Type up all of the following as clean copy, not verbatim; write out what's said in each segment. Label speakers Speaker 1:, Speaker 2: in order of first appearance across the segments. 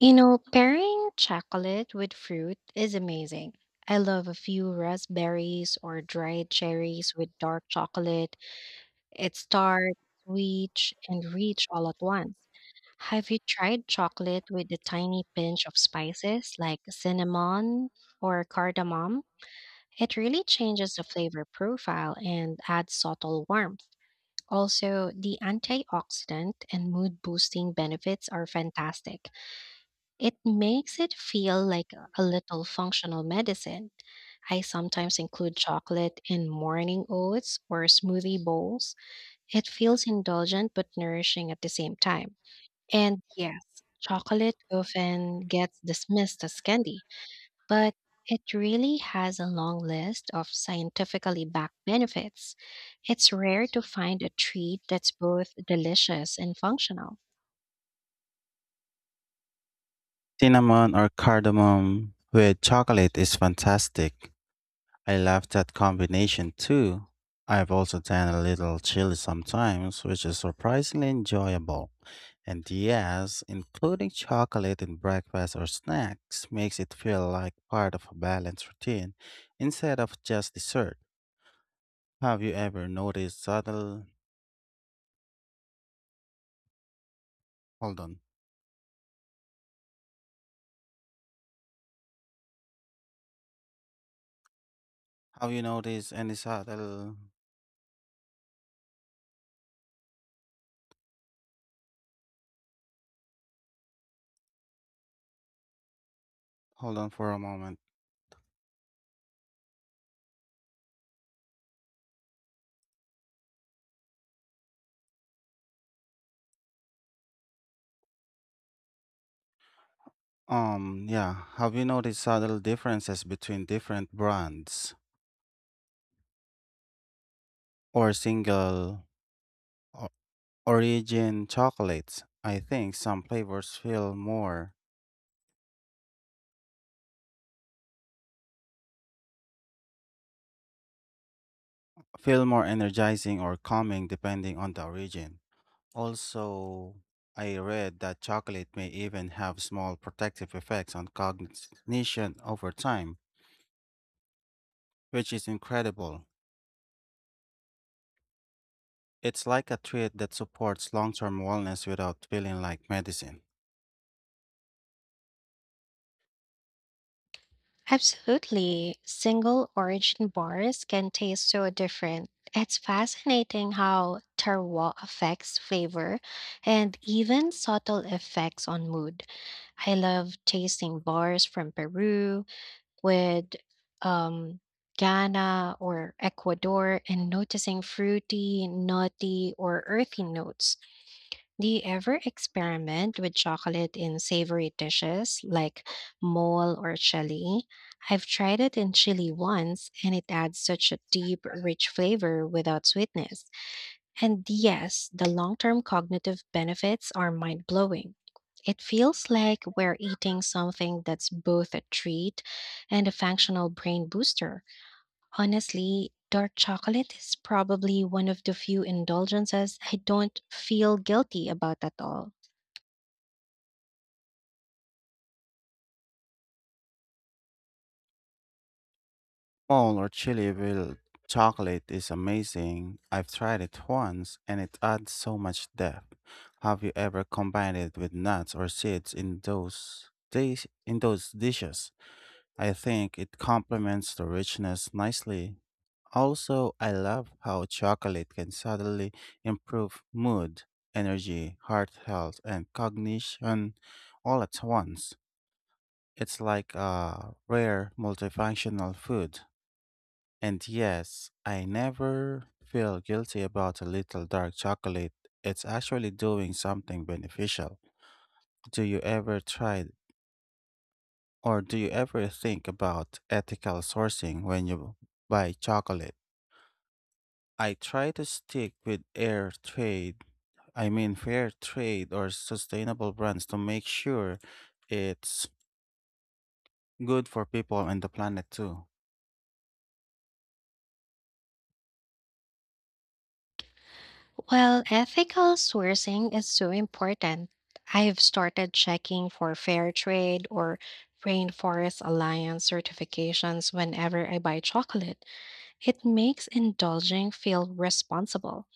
Speaker 1: You know, pairing chocolate with fruit is amazing. I love a few raspberries or dried cherries with dark chocolate. It's tart, sweet, and rich all at once. Have you tried chocolate with a tiny pinch of spices like cinnamon or cardamom? It really changes the flavor profile and adds subtle warmth. Also, the antioxidant and mood boosting benefits are fantastic. It makes it feel like a little functional medicine. I sometimes include chocolate in morning oats or smoothie bowls. It feels indulgent but nourishing at the same time. And yes, chocolate often gets dismissed as candy, but it really has a long list of scientifically backed benefits. It's rare to find a treat that's both delicious and functional.
Speaker 2: Cinnamon or cardamom with chocolate is fantastic. I love that combination too. I've also done a little chili sometimes, which is surprisingly enjoyable. And yes, including chocolate in breakfast or snacks makes it feel like part of a balanced routine instead of just dessert. Have you ever noticed subtle? Hold on. Have you noticed any subtle? Hold on for a moment. Yeah. Have you noticed subtle differences between different brands or single o- origin chocolates? I think some flavors feel more energizing or calming depending on the origin. Also, I read that chocolate may even have small protective effects on cognition over time, which is incredible. It's like a treat that supports long-term wellness without feeling like medicine.
Speaker 1: Absolutely. Single origin bars can taste so different. It's fascinating how terroir affects flavor and even subtle effects on mood. I love tasting bars from Peru with um, Ghana or Ecuador and noticing fruity, nutty, or earthy notes. Do you ever experiment with chocolate in savory dishes like mole or chili? I've tried it in chili once and it adds such a deep, rich flavor without sweetness. And yes, the long term cognitive benefits are mind blowing. It feels like we're eating something that's both a treat and a functional brain booster. Honestly, dark chocolate is probably one of the few indulgences I don't feel guilty about at all.
Speaker 2: Small or chili with chocolate is amazing. I've tried it once and it adds so much depth. Have you ever combined it with nuts or seeds in in those dishes? I think it complements the richness nicely. Also, I love how chocolate can suddenly improve mood, energy, heart health, and cognition all at once. It's like a rare multifunctional food. And yes, I never feel guilty about a little dark chocolate. It's actually doing something beneficial. Do you ever try do you ever think about ethical sourcing when you buy chocolate? I try to stick with air trade, I mean fair trade or sustainable brands to make sure it's good for people and the planet too.
Speaker 1: Well, ethical sourcing is so important. I've started checking for fair trade or Rainforest Alliance certifications whenever I buy chocolate. It makes indulging feel responsible.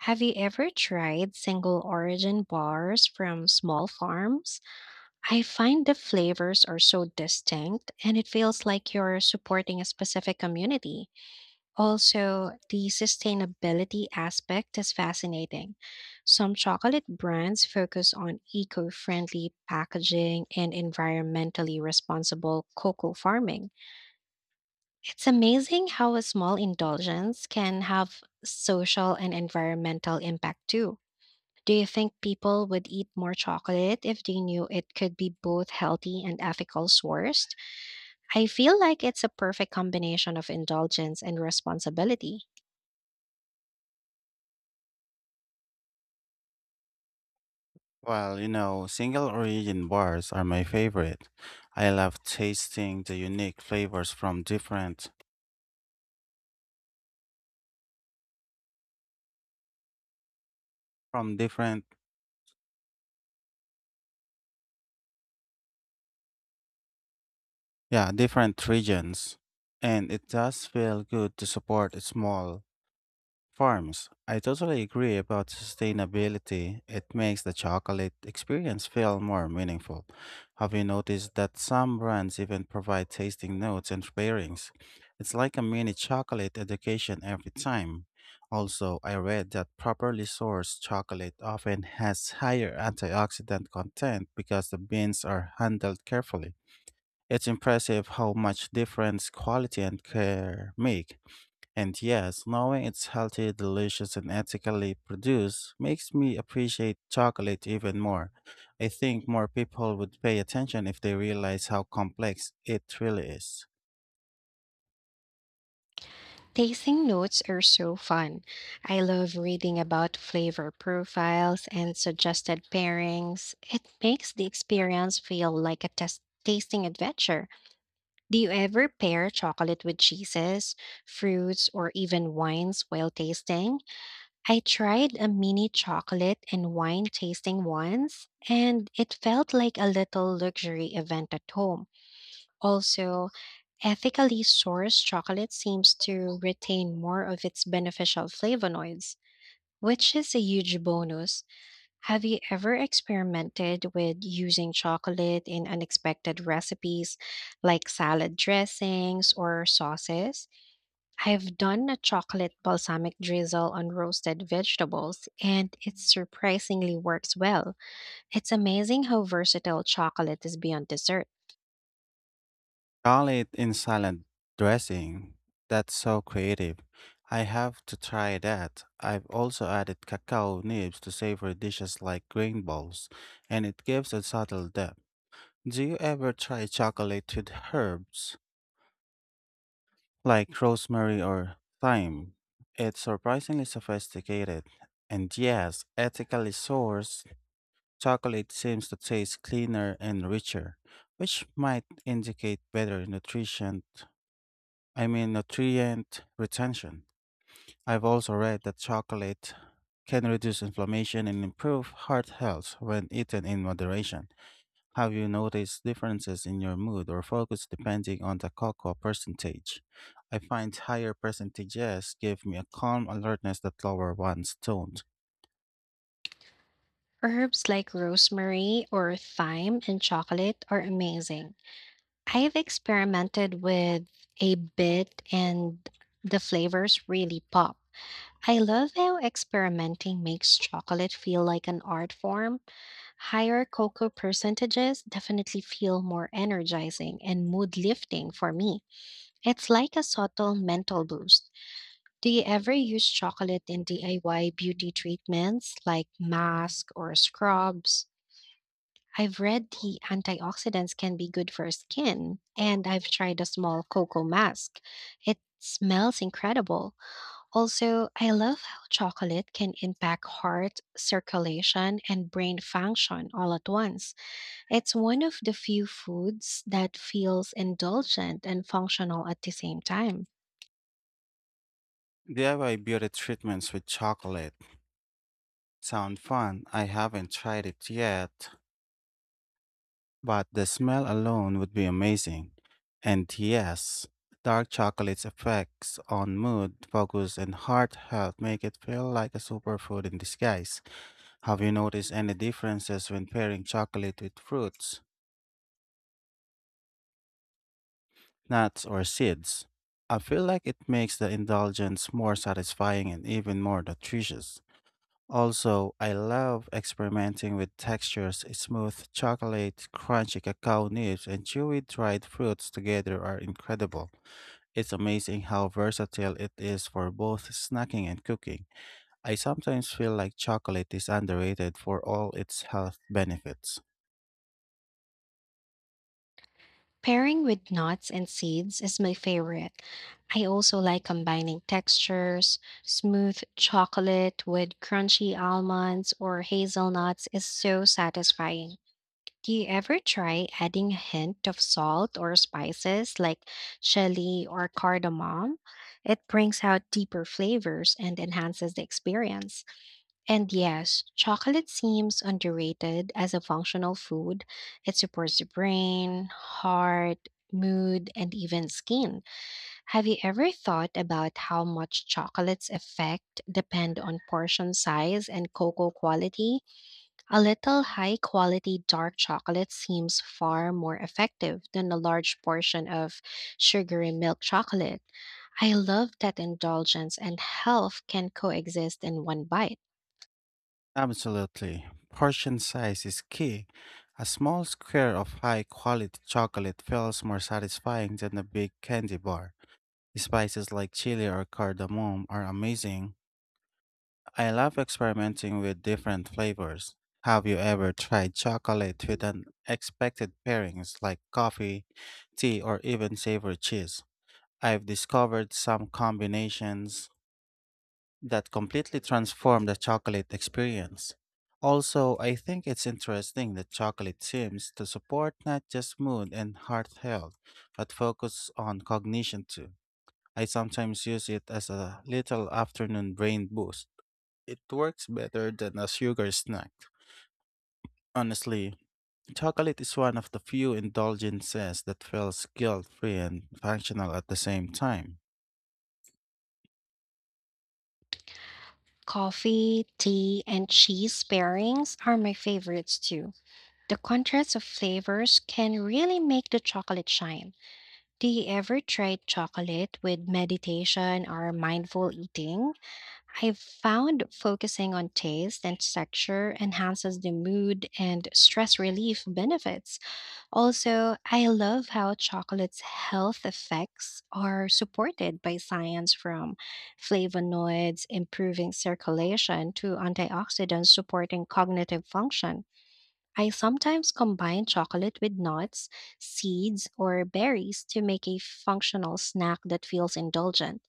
Speaker 1: Have you ever tried single origin bars from small farms? I find the flavors are so distinct and it feels like you're supporting a specific community. Also, the sustainability aspect is fascinating. Some chocolate brands focus on eco friendly packaging and environmentally responsible cocoa farming. It's amazing how a small indulgence can have social and environmental impact too. Do you think people would eat more chocolate if they knew it could be both healthy and ethical sourced? I feel like it's a perfect combination of indulgence and responsibility.
Speaker 2: Well, single origin bars are my favorite. I love tasting the unique flavors from different yeah, different regions. And it does feel good to support a small farms. I totally agree about sustainability. It makes the chocolate experience feel more meaningful. Have you noticed that some brands even provide tasting notes and pairings? It's like a mini chocolate education every time. Also, I read that properly sourced chocolate often has higher antioxidant content because the beans are handled carefully. It's impressive how much difference quality and care make. And yes, knowing it's healthy, delicious, and ethically produced makes me appreciate chocolate even more. I think more people would pay attention if they realize how complex it really is.
Speaker 1: Tasting notes are so fun. I love reading about flavor profiles and suggested pairings. It makes the experience feel like a test tasting adventure. Do you ever pair chocolate with cheeses, fruits, or even wines while tasting? I tried a mini chocolate and wine tasting once, and it felt like a little luxury event at home. Also, ethically sourced chocolate seems to retain more of its beneficial flavonoids, which is a huge bonus. Have you ever experimented with using chocolate in unexpected recipes like salad dressings or sauces? I've done a chocolate balsamic drizzle on roasted vegetables, and it surprisingly works well. It's amazing how versatile chocolate is beyond dessert.
Speaker 2: Chocolate in salad dressing. That's so creative. I have to try that. I've also added cacao nibs to savory dishes like grain bowls, and it gives a subtle depth. Do you ever try chocolate with herbs, like rosemary or thyme? It's surprisingly sophisticated. And yes, ethically sourced chocolate seems to taste cleaner and richer, which might indicate better nutrition, I mean nutrient retention. I've also read that chocolate can reduce inflammation and improve heart health when eaten in moderation. Have you noticed differences in your mood or focus depending on the cocoa percentage? I find higher percentages give me a calm alertness that lower ones don't.
Speaker 1: Herbs like rosemary or thyme and chocolate are amazing. I've experimented with a bit and the flavors really pop. I love how experimenting makes chocolate feel like an art form. Higher cocoa percentages definitely feel more energizing and mood lifting for me. It's like a subtle mental boost. Do you ever use chocolate in DIY beauty treatments like masks or scrubs? I've read the antioxidants can be good for skin, and I've tried a small cocoa mask. It smells incredible. Also, I love how chocolate can impact heart circulation and brain function all at once. It's one of the few foods that feels indulgent and functional at the same time.
Speaker 2: DIY beauty treatments with chocolate sound fun. I haven't tried it yet, but the smell alone would be amazing. And yes, dark chocolate's effects on mood, focus, and heart health make it feel like a superfood in disguise. Have you noticed any differences when pairing chocolate with fruits, nuts, or seeds? I feel like it makes the indulgence more satisfying and even more nutritious. Also, I love experimenting with textures. Smooth chocolate, crunchy cacao nibs, and chewy dried fruits together are incredible. It's amazing how versatile it is for both snacking and cooking. I sometimes feel like chocolate is underrated for all its health benefits.
Speaker 1: Pairing with nuts and seeds is my favorite. I also like combining textures. Smooth chocolate with crunchy almonds or hazelnuts is so satisfying. Do you ever try adding a hint of salt or spices like chili or cardamom? It brings out deeper flavors and enhances the experience. And yes, chocolate seems underrated as a functional food. It supports the brain, heart, mood, and even skin. Have you ever thought about how much chocolate's effect depend on portion size and cocoa quality? A little high quality dark chocolate seems far more effective than a large portion of sugary milk chocolate. I love that indulgence and health can coexist in one bite.
Speaker 2: Absolutely. Portion size is key. A small square of high quality chocolate feels more satisfying than a big candy bar. Spices like chili or cardamom are amazing. I love experimenting with different flavors. Have you ever tried chocolate with unexpected pairings like coffee, tea, or even savory cheese? I've discovered some combinations that completely transformed the chocolate experience. Also, I think it's interesting that chocolate seems to support not just mood and heart health, but focus on cognition too. I sometimes use it as a little afternoon brain boost. It works better than a sugar snack. Honestly, chocolate is one of the few indulgences that feels guilt free and functional at the same time.
Speaker 1: Coffee, tea, and cheese pairings are my favorites too. The contrast of flavors can really make the chocolate shine. Do you ever try chocolate with meditation or mindful eating? I've found focusing on taste and texture enhances the mood and stress relief benefits. Also, I love how chocolate's health effects are supported by science from flavonoids improving circulation to antioxidants supporting cognitive function. I sometimes combine chocolate with nuts, seeds, or berries to make a functional snack that feels indulgent.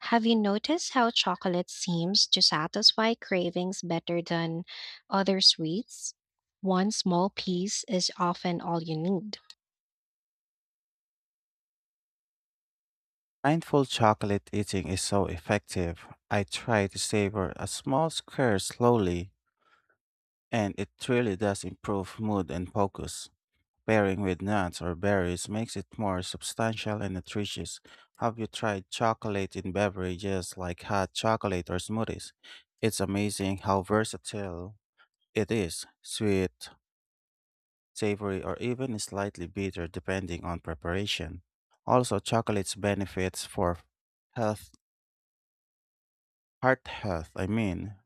Speaker 1: Have you noticed how chocolate seems to satisfy cravings better than other sweets? One small piece is often all you need.
Speaker 2: Mindful chocolate eating is so effective. I try to savor a small square slowly, and it really does improve mood and focus. Pairing with nuts or berries makes it more substantial and nutritious. Have you tried chocolate in beverages like hot chocolate or smoothies? It's amazing how versatile it is sweet, savory, or even slightly bitter depending on preparation. Also, chocolate's benefits for health Heart health, I mean,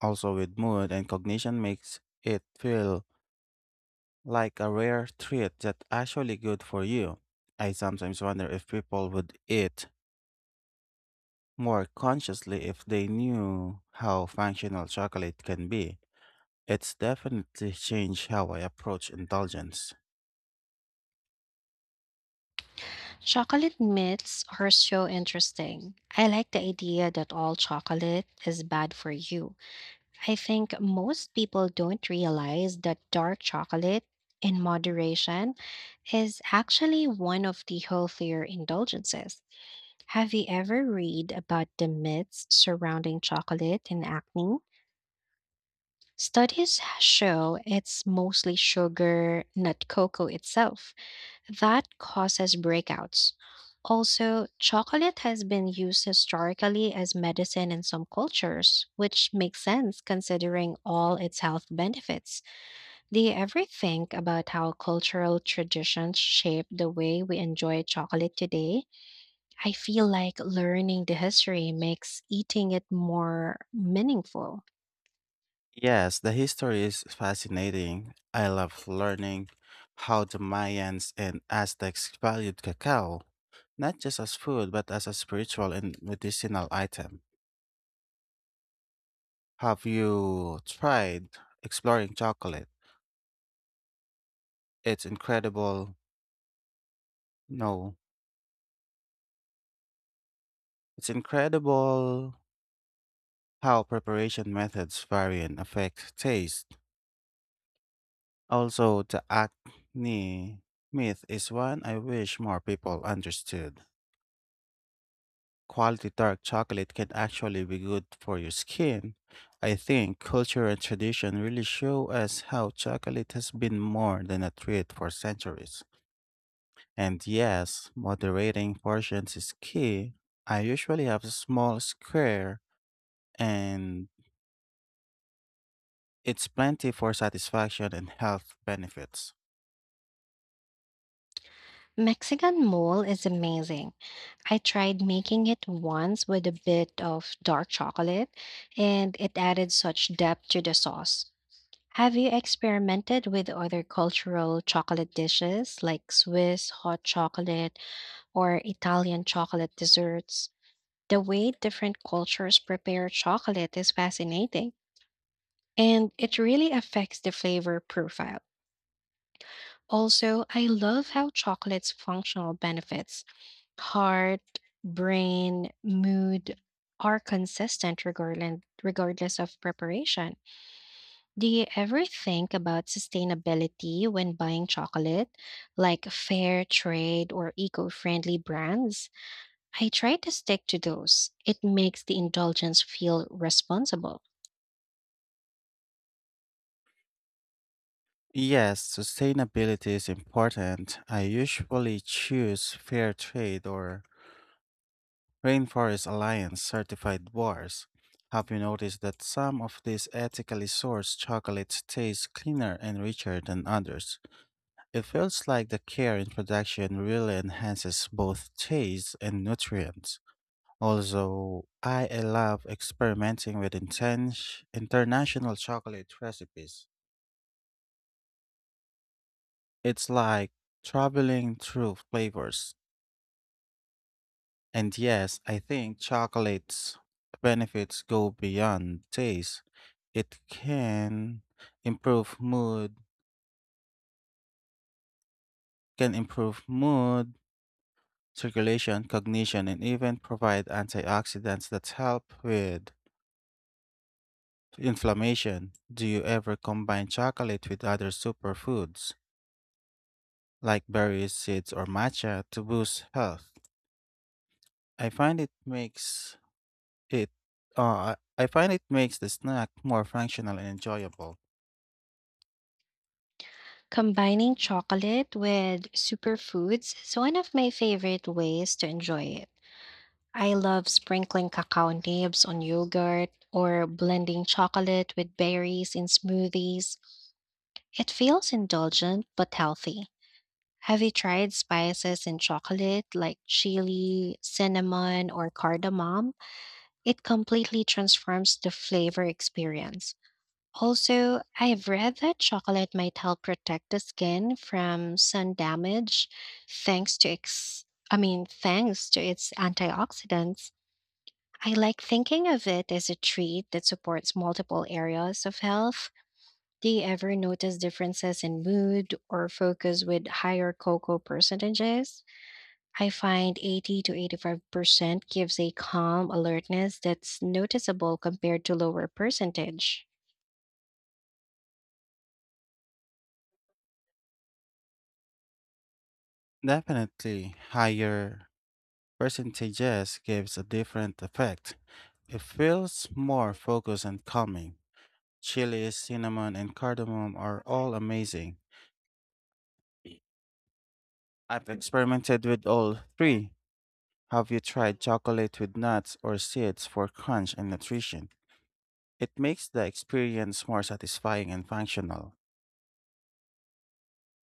Speaker 2: also with mood and cognition makes it feel like a rare treat that's actually good for you. I sometimes wonder if people would eat more consciously if they knew how functional chocolate can be. It's definitely changed how I approach indulgence.
Speaker 1: Chocolate myths are so interesting. I like the idea that all chocolate is bad for you. I think most people don't realize that dark chocolate, in moderation, is actually one of the healthier indulgences. Have you ever read about the myths surrounding chocolate and acne? Studies show it's mostly sugar, not cocoa itself that causes breakouts. Also, chocolate has been used historically as medicine in some cultures, which makes sense considering all its health benefits. Do you ever think about how cultural traditions shape the way we enjoy chocolate today? I feel like learning the history makes eating it more meaningful.
Speaker 2: Yes, the history is fascinating. I love learning how the Mayans and Aztecs valued cacao. Not just as food, but as a spiritual and medicinal item. Have you tried exploring chocolate? It's incredible. No, It's incredible how preparation methods vary and affect taste. Also, the acne myth is one I wish more people understood. Quality dark chocolate can actually be good for your skin. I think culture and tradition really show us how chocolate has been more than a treat for centuries. And yes, moderating portions is key. I usually have a small square and it's plenty for satisfaction and health benefits.
Speaker 1: Mexican mole is amazing. I tried making it once with a bit of dark chocolate, and it added such depth to the sauce. Have you experimented with other cultural chocolate dishes like Swiss hot chocolate or Italian chocolate desserts? The way different cultures prepare chocolate is fascinating, and it really affects the flavor profile. Also, I love how chocolate's functional benefits heart, brain, mood are consistent regardless of preparation. Do you ever think about sustainability when buying chocolate, like fair trade or eco friendly brands? I try to stick to those. It makes the indulgence feel responsible.
Speaker 2: Yes, sustainability is important. I usually choose fair trade or Rainforest Alliance certified bars. Have you noticed that some of these ethically sourced chocolates taste cleaner and richer than others? It feels like the care in production really enhances both taste and nutrients. Also, I love experimenting with intense international chocolate recipes. It's like traveling through flavors. And yes, I think chocolate's benefits go beyond taste. It can improve mood, improve mood, circulation, cognition, and even provide antioxidants that help with inflammation. Do you ever combine chocolate with other superfoods like berries, seeds, or matcha to boost health? I find it makes it I find it makes the snack more functional and enjoyable.
Speaker 1: Combining chocolate with superfoods is one of my favorite ways to enjoy it. I love sprinkling cacao nibs on yogurt or blending chocolate with berries in smoothies. It feels indulgent but healthy. Have you tried spices in chocolate like chili, cinnamon, or cardamom? It completely transforms the flavor experience. Also, I've read that chocolate might help protect the skin from sun damage thanks to I mean thanks to its antioxidants. I like thinking of it as a treat that supports multiple areas of health. Do you ever notice differences in mood or focus with higher cocoa percentages? I find 80 to 85% gives a calm alertness that's noticeable compared to lower percentage.
Speaker 2: Definitely, higher percentages gives a different effect. It feels more focused and calming. Chilies, cinnamon, and cardamom are all amazing. I've experimented with all three. Have you tried chocolate with nuts or seeds for crunch and nutrition? It makes the experience more satisfying and functional.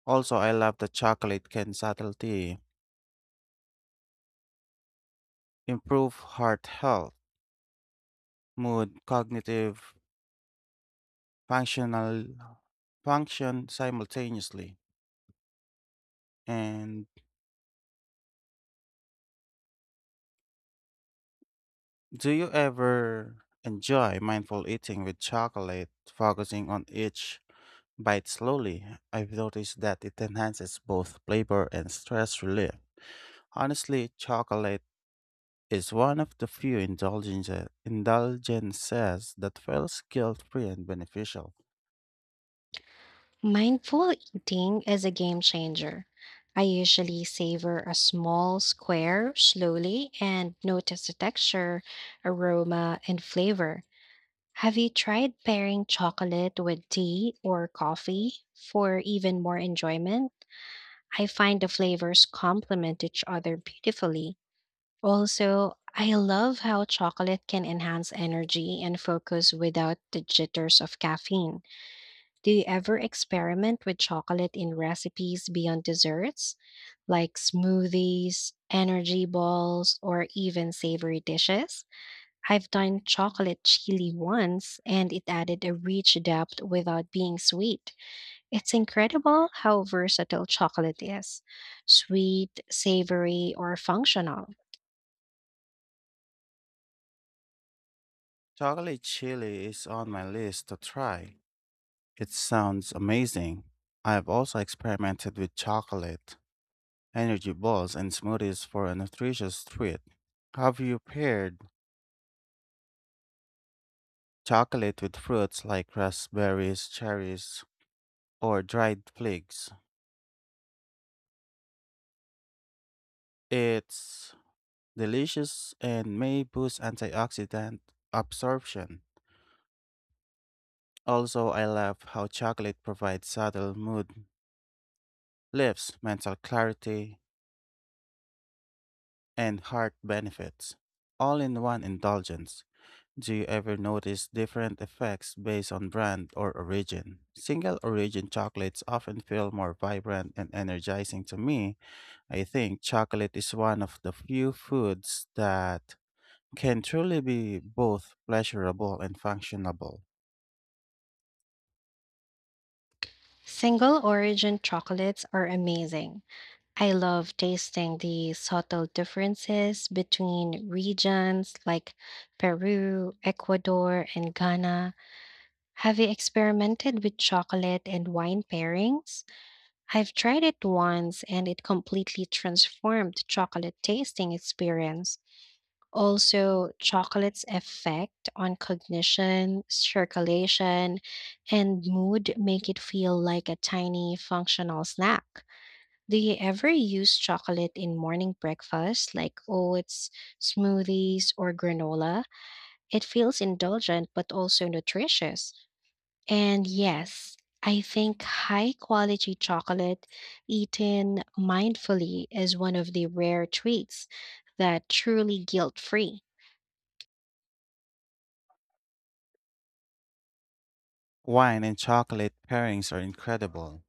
Speaker 2: Also, I love that chocolate can subtlety improve heart health, mood, cognitive functional function simultaneously. And do you ever enjoy mindful eating with chocolate, focusing on each bite slowly? I've noticed that it enhances both flavor and stress relief. Honestly, chocolate is one of the few indulgences that feels guilt-free and beneficial.
Speaker 1: Mindful eating is a game changer. I usually savor a small square slowly and notice the texture, aroma, and flavor. Have you tried pairing chocolate with tea or coffee for even more enjoyment? I find the flavors complement each other beautifully. Also, I love how chocolate can enhance energy and focus without the jitters of caffeine. Do you ever experiment with chocolate in recipes beyond desserts, like smoothies, energy balls, or even savory dishes? I've done chocolate chili once, and it added a rich depth without being sweet. It's incredible how versatile chocolate is sweet, savory, or functional.
Speaker 2: Chocolate chili is on my list to try. It sounds amazing. I have also experimented with chocolate, energy balls, and smoothies for a nutritious treat. Have you paired chocolate with fruits like raspberries, cherries, or dried figs? It's delicious and may boost antioxidant absorption. Also, I love how chocolate provides subtle mood lifts, mental clarity, and heart benefits, all in one indulgence. Do you ever notice different effects based on brand or origin? Single origin chocolates often feel more vibrant and energizing to me. I think chocolate is one of the few foods that can truly be both pleasurable and functional.
Speaker 1: Single origin chocolates are amazing. I love tasting the subtle differences between regions like Peru, Ecuador, and Ghana. Have you experimented with chocolate and wine pairings? I've tried it once and it completely transformed chocolate tasting experience. Also, chocolate's effect on cognition, circulation, and mood make it feel like a tiny functional snack. Do you ever use chocolate in morning breakfast like oats, smoothies, or granola? It feels indulgent but also nutritious. And yes, I think high quality chocolate eaten mindfully is one of the rare treats that truly guilt free.
Speaker 2: Wine and chocolate pairings are incredible.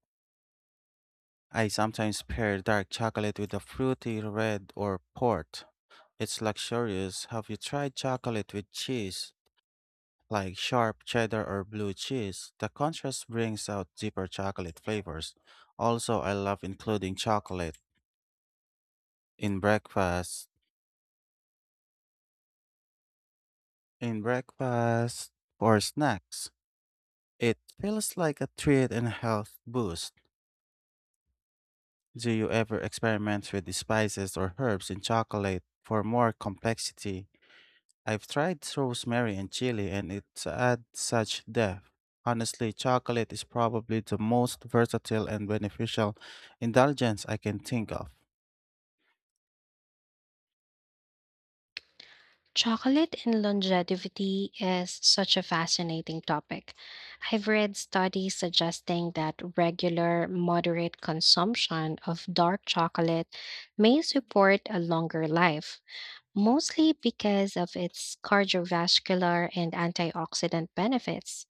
Speaker 2: I sometimes pair dark chocolate with a fruity red or port. It's luxurious. Have you tried chocolate with cheese, like sharp cheddar or blue cheese? The contrast brings out deeper chocolate flavors. Also, I love including chocolate in breakfast, in breakfast or snacks. It feels like a treat and health boost. Do you ever experiment with the spices or herbs in chocolate for more complexity? I've tried rosemary and chili and it adds such depth. Honestly, chocolate is probably the most versatile and beneficial indulgence I can think of.
Speaker 1: Chocolate and longevity is such a fascinating topic. I've read studies suggesting that regular, moderate consumption of dark chocolate may support a longer life, mostly because of its cardiovascular and antioxidant benefits.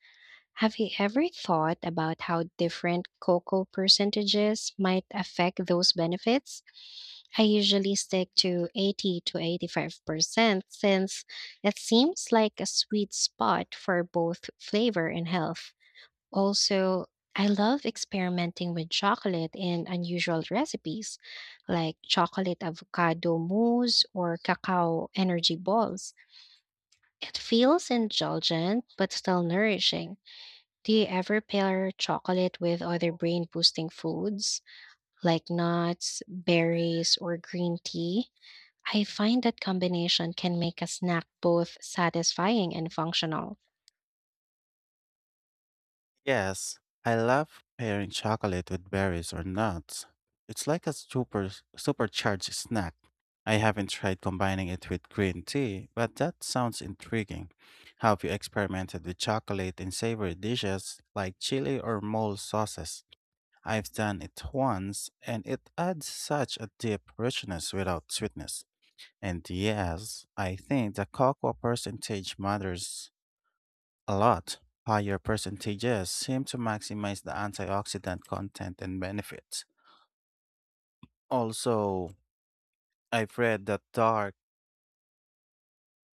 Speaker 1: Have you ever thought about how different cocoa percentages might affect those benefits? I usually stick to 80 to 85% since it seems like a sweet spot for both flavor and health. Also, I love experimenting with chocolate in unusual recipes like chocolate avocado mousse or cacao energy balls. It feels indulgent but still nourishing. Do you ever pair chocolate with other brain boosting foods like nuts, berries, or green tea? I find that combination can make a snack both satisfying and functional.
Speaker 2: Yes, I love pairing chocolate with berries or nuts. It's like a supercharged snack. I haven't tried combining it with green tea, but that sounds intriguing. Have you experimented with chocolate in savory dishes like chili or mole sauces? I've done it once, and it adds such a deep richness without sweetness. And yes, I think the cocoa percentage matters a lot. Higher percentages seem to maximize the antioxidant content and benefits. Also, I've read that dark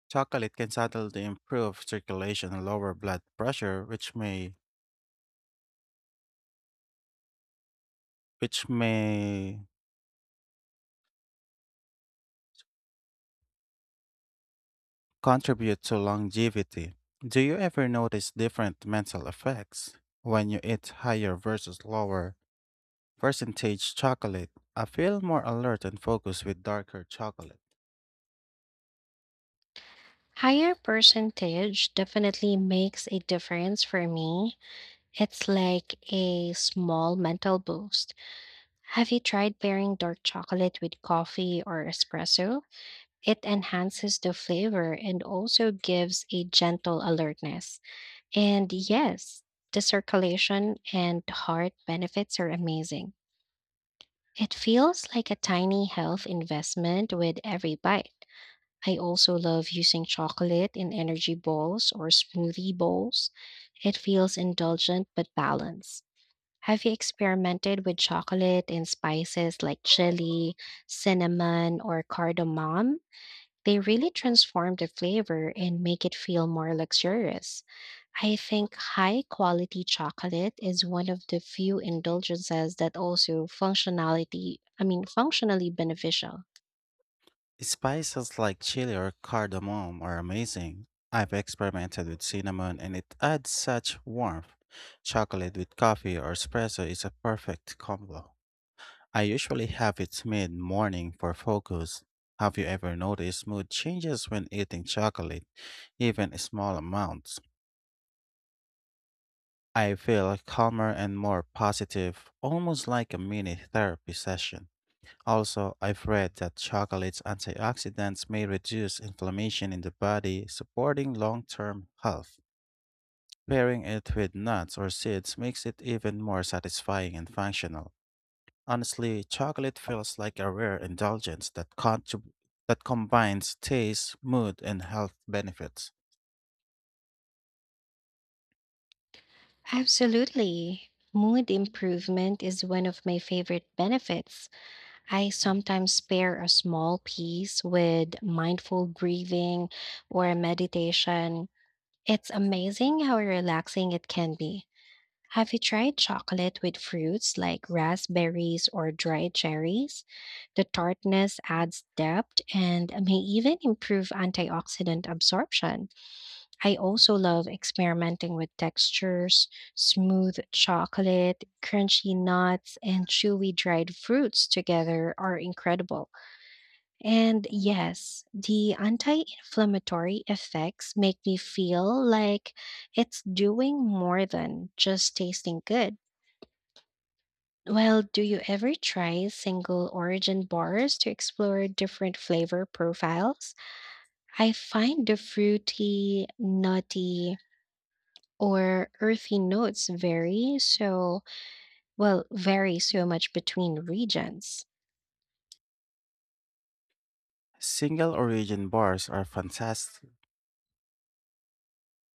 Speaker 2: chocolate can subtly improve circulation and lower blood pressure, which may contribute to longevity. Do you ever notice different mental effects when you eat higher versus lower percentage chocolate? I feel more alert and focused with darker chocolate.
Speaker 1: Higher percentage definitely makes a difference for me. It's like a small mental boost. Have you tried pairing dark chocolate with coffee or espresso? It enhances the flavor and also gives a gentle alertness. And yes, the circulation and heart benefits are amazing. It feels like a tiny health investment with every bite. I also love using chocolate in energy balls or smoothie bowls. It feels indulgent but balanced. Have you experimented with chocolate and spices like chili, cinnamon, or cardamom? They really transform the flavor and make it feel more luxurious. I think high quality chocolate is one of the few indulgences that also functionality, I mean functionally beneficial.
Speaker 2: Spices like chili or cardamom are amazing. I've experimented with cinnamon and it adds such warmth. Chocolate with coffee or espresso is a perfect combo. I usually have it mid morning for focus. Have you ever noticed mood changes when eating chocolate, even small amounts? I feel calmer and more positive, almost like a mini therapy session. Also, I've read that chocolate's antioxidants may reduce inflammation in the body, supporting long term health. Pairing it with nuts or seeds makes it even more satisfying and functional. Honestly, chocolate feels like a rare indulgence that that combines taste, mood, and health benefits.
Speaker 1: Absolutely. Mood improvement is one of my favorite benefits. I sometimes pair a small piece with mindful breathing or meditation. It's amazing how relaxing it can be. Have you tried chocolate with fruits like raspberries or dried cherries? The tartness adds depth and may even improve antioxidant absorption. I also love experimenting with textures, smooth chocolate, crunchy nuts, and chewy dried fruits together are incredible. And yes, the anti inflammatory effects make me feel like it's doing more than just tasting good. Well, do you ever try single origin bars to explore different flavor profiles? I find the fruity, nutty, or earthy notes vary well, vary so much between regions.
Speaker 2: Single origin bars are fantastic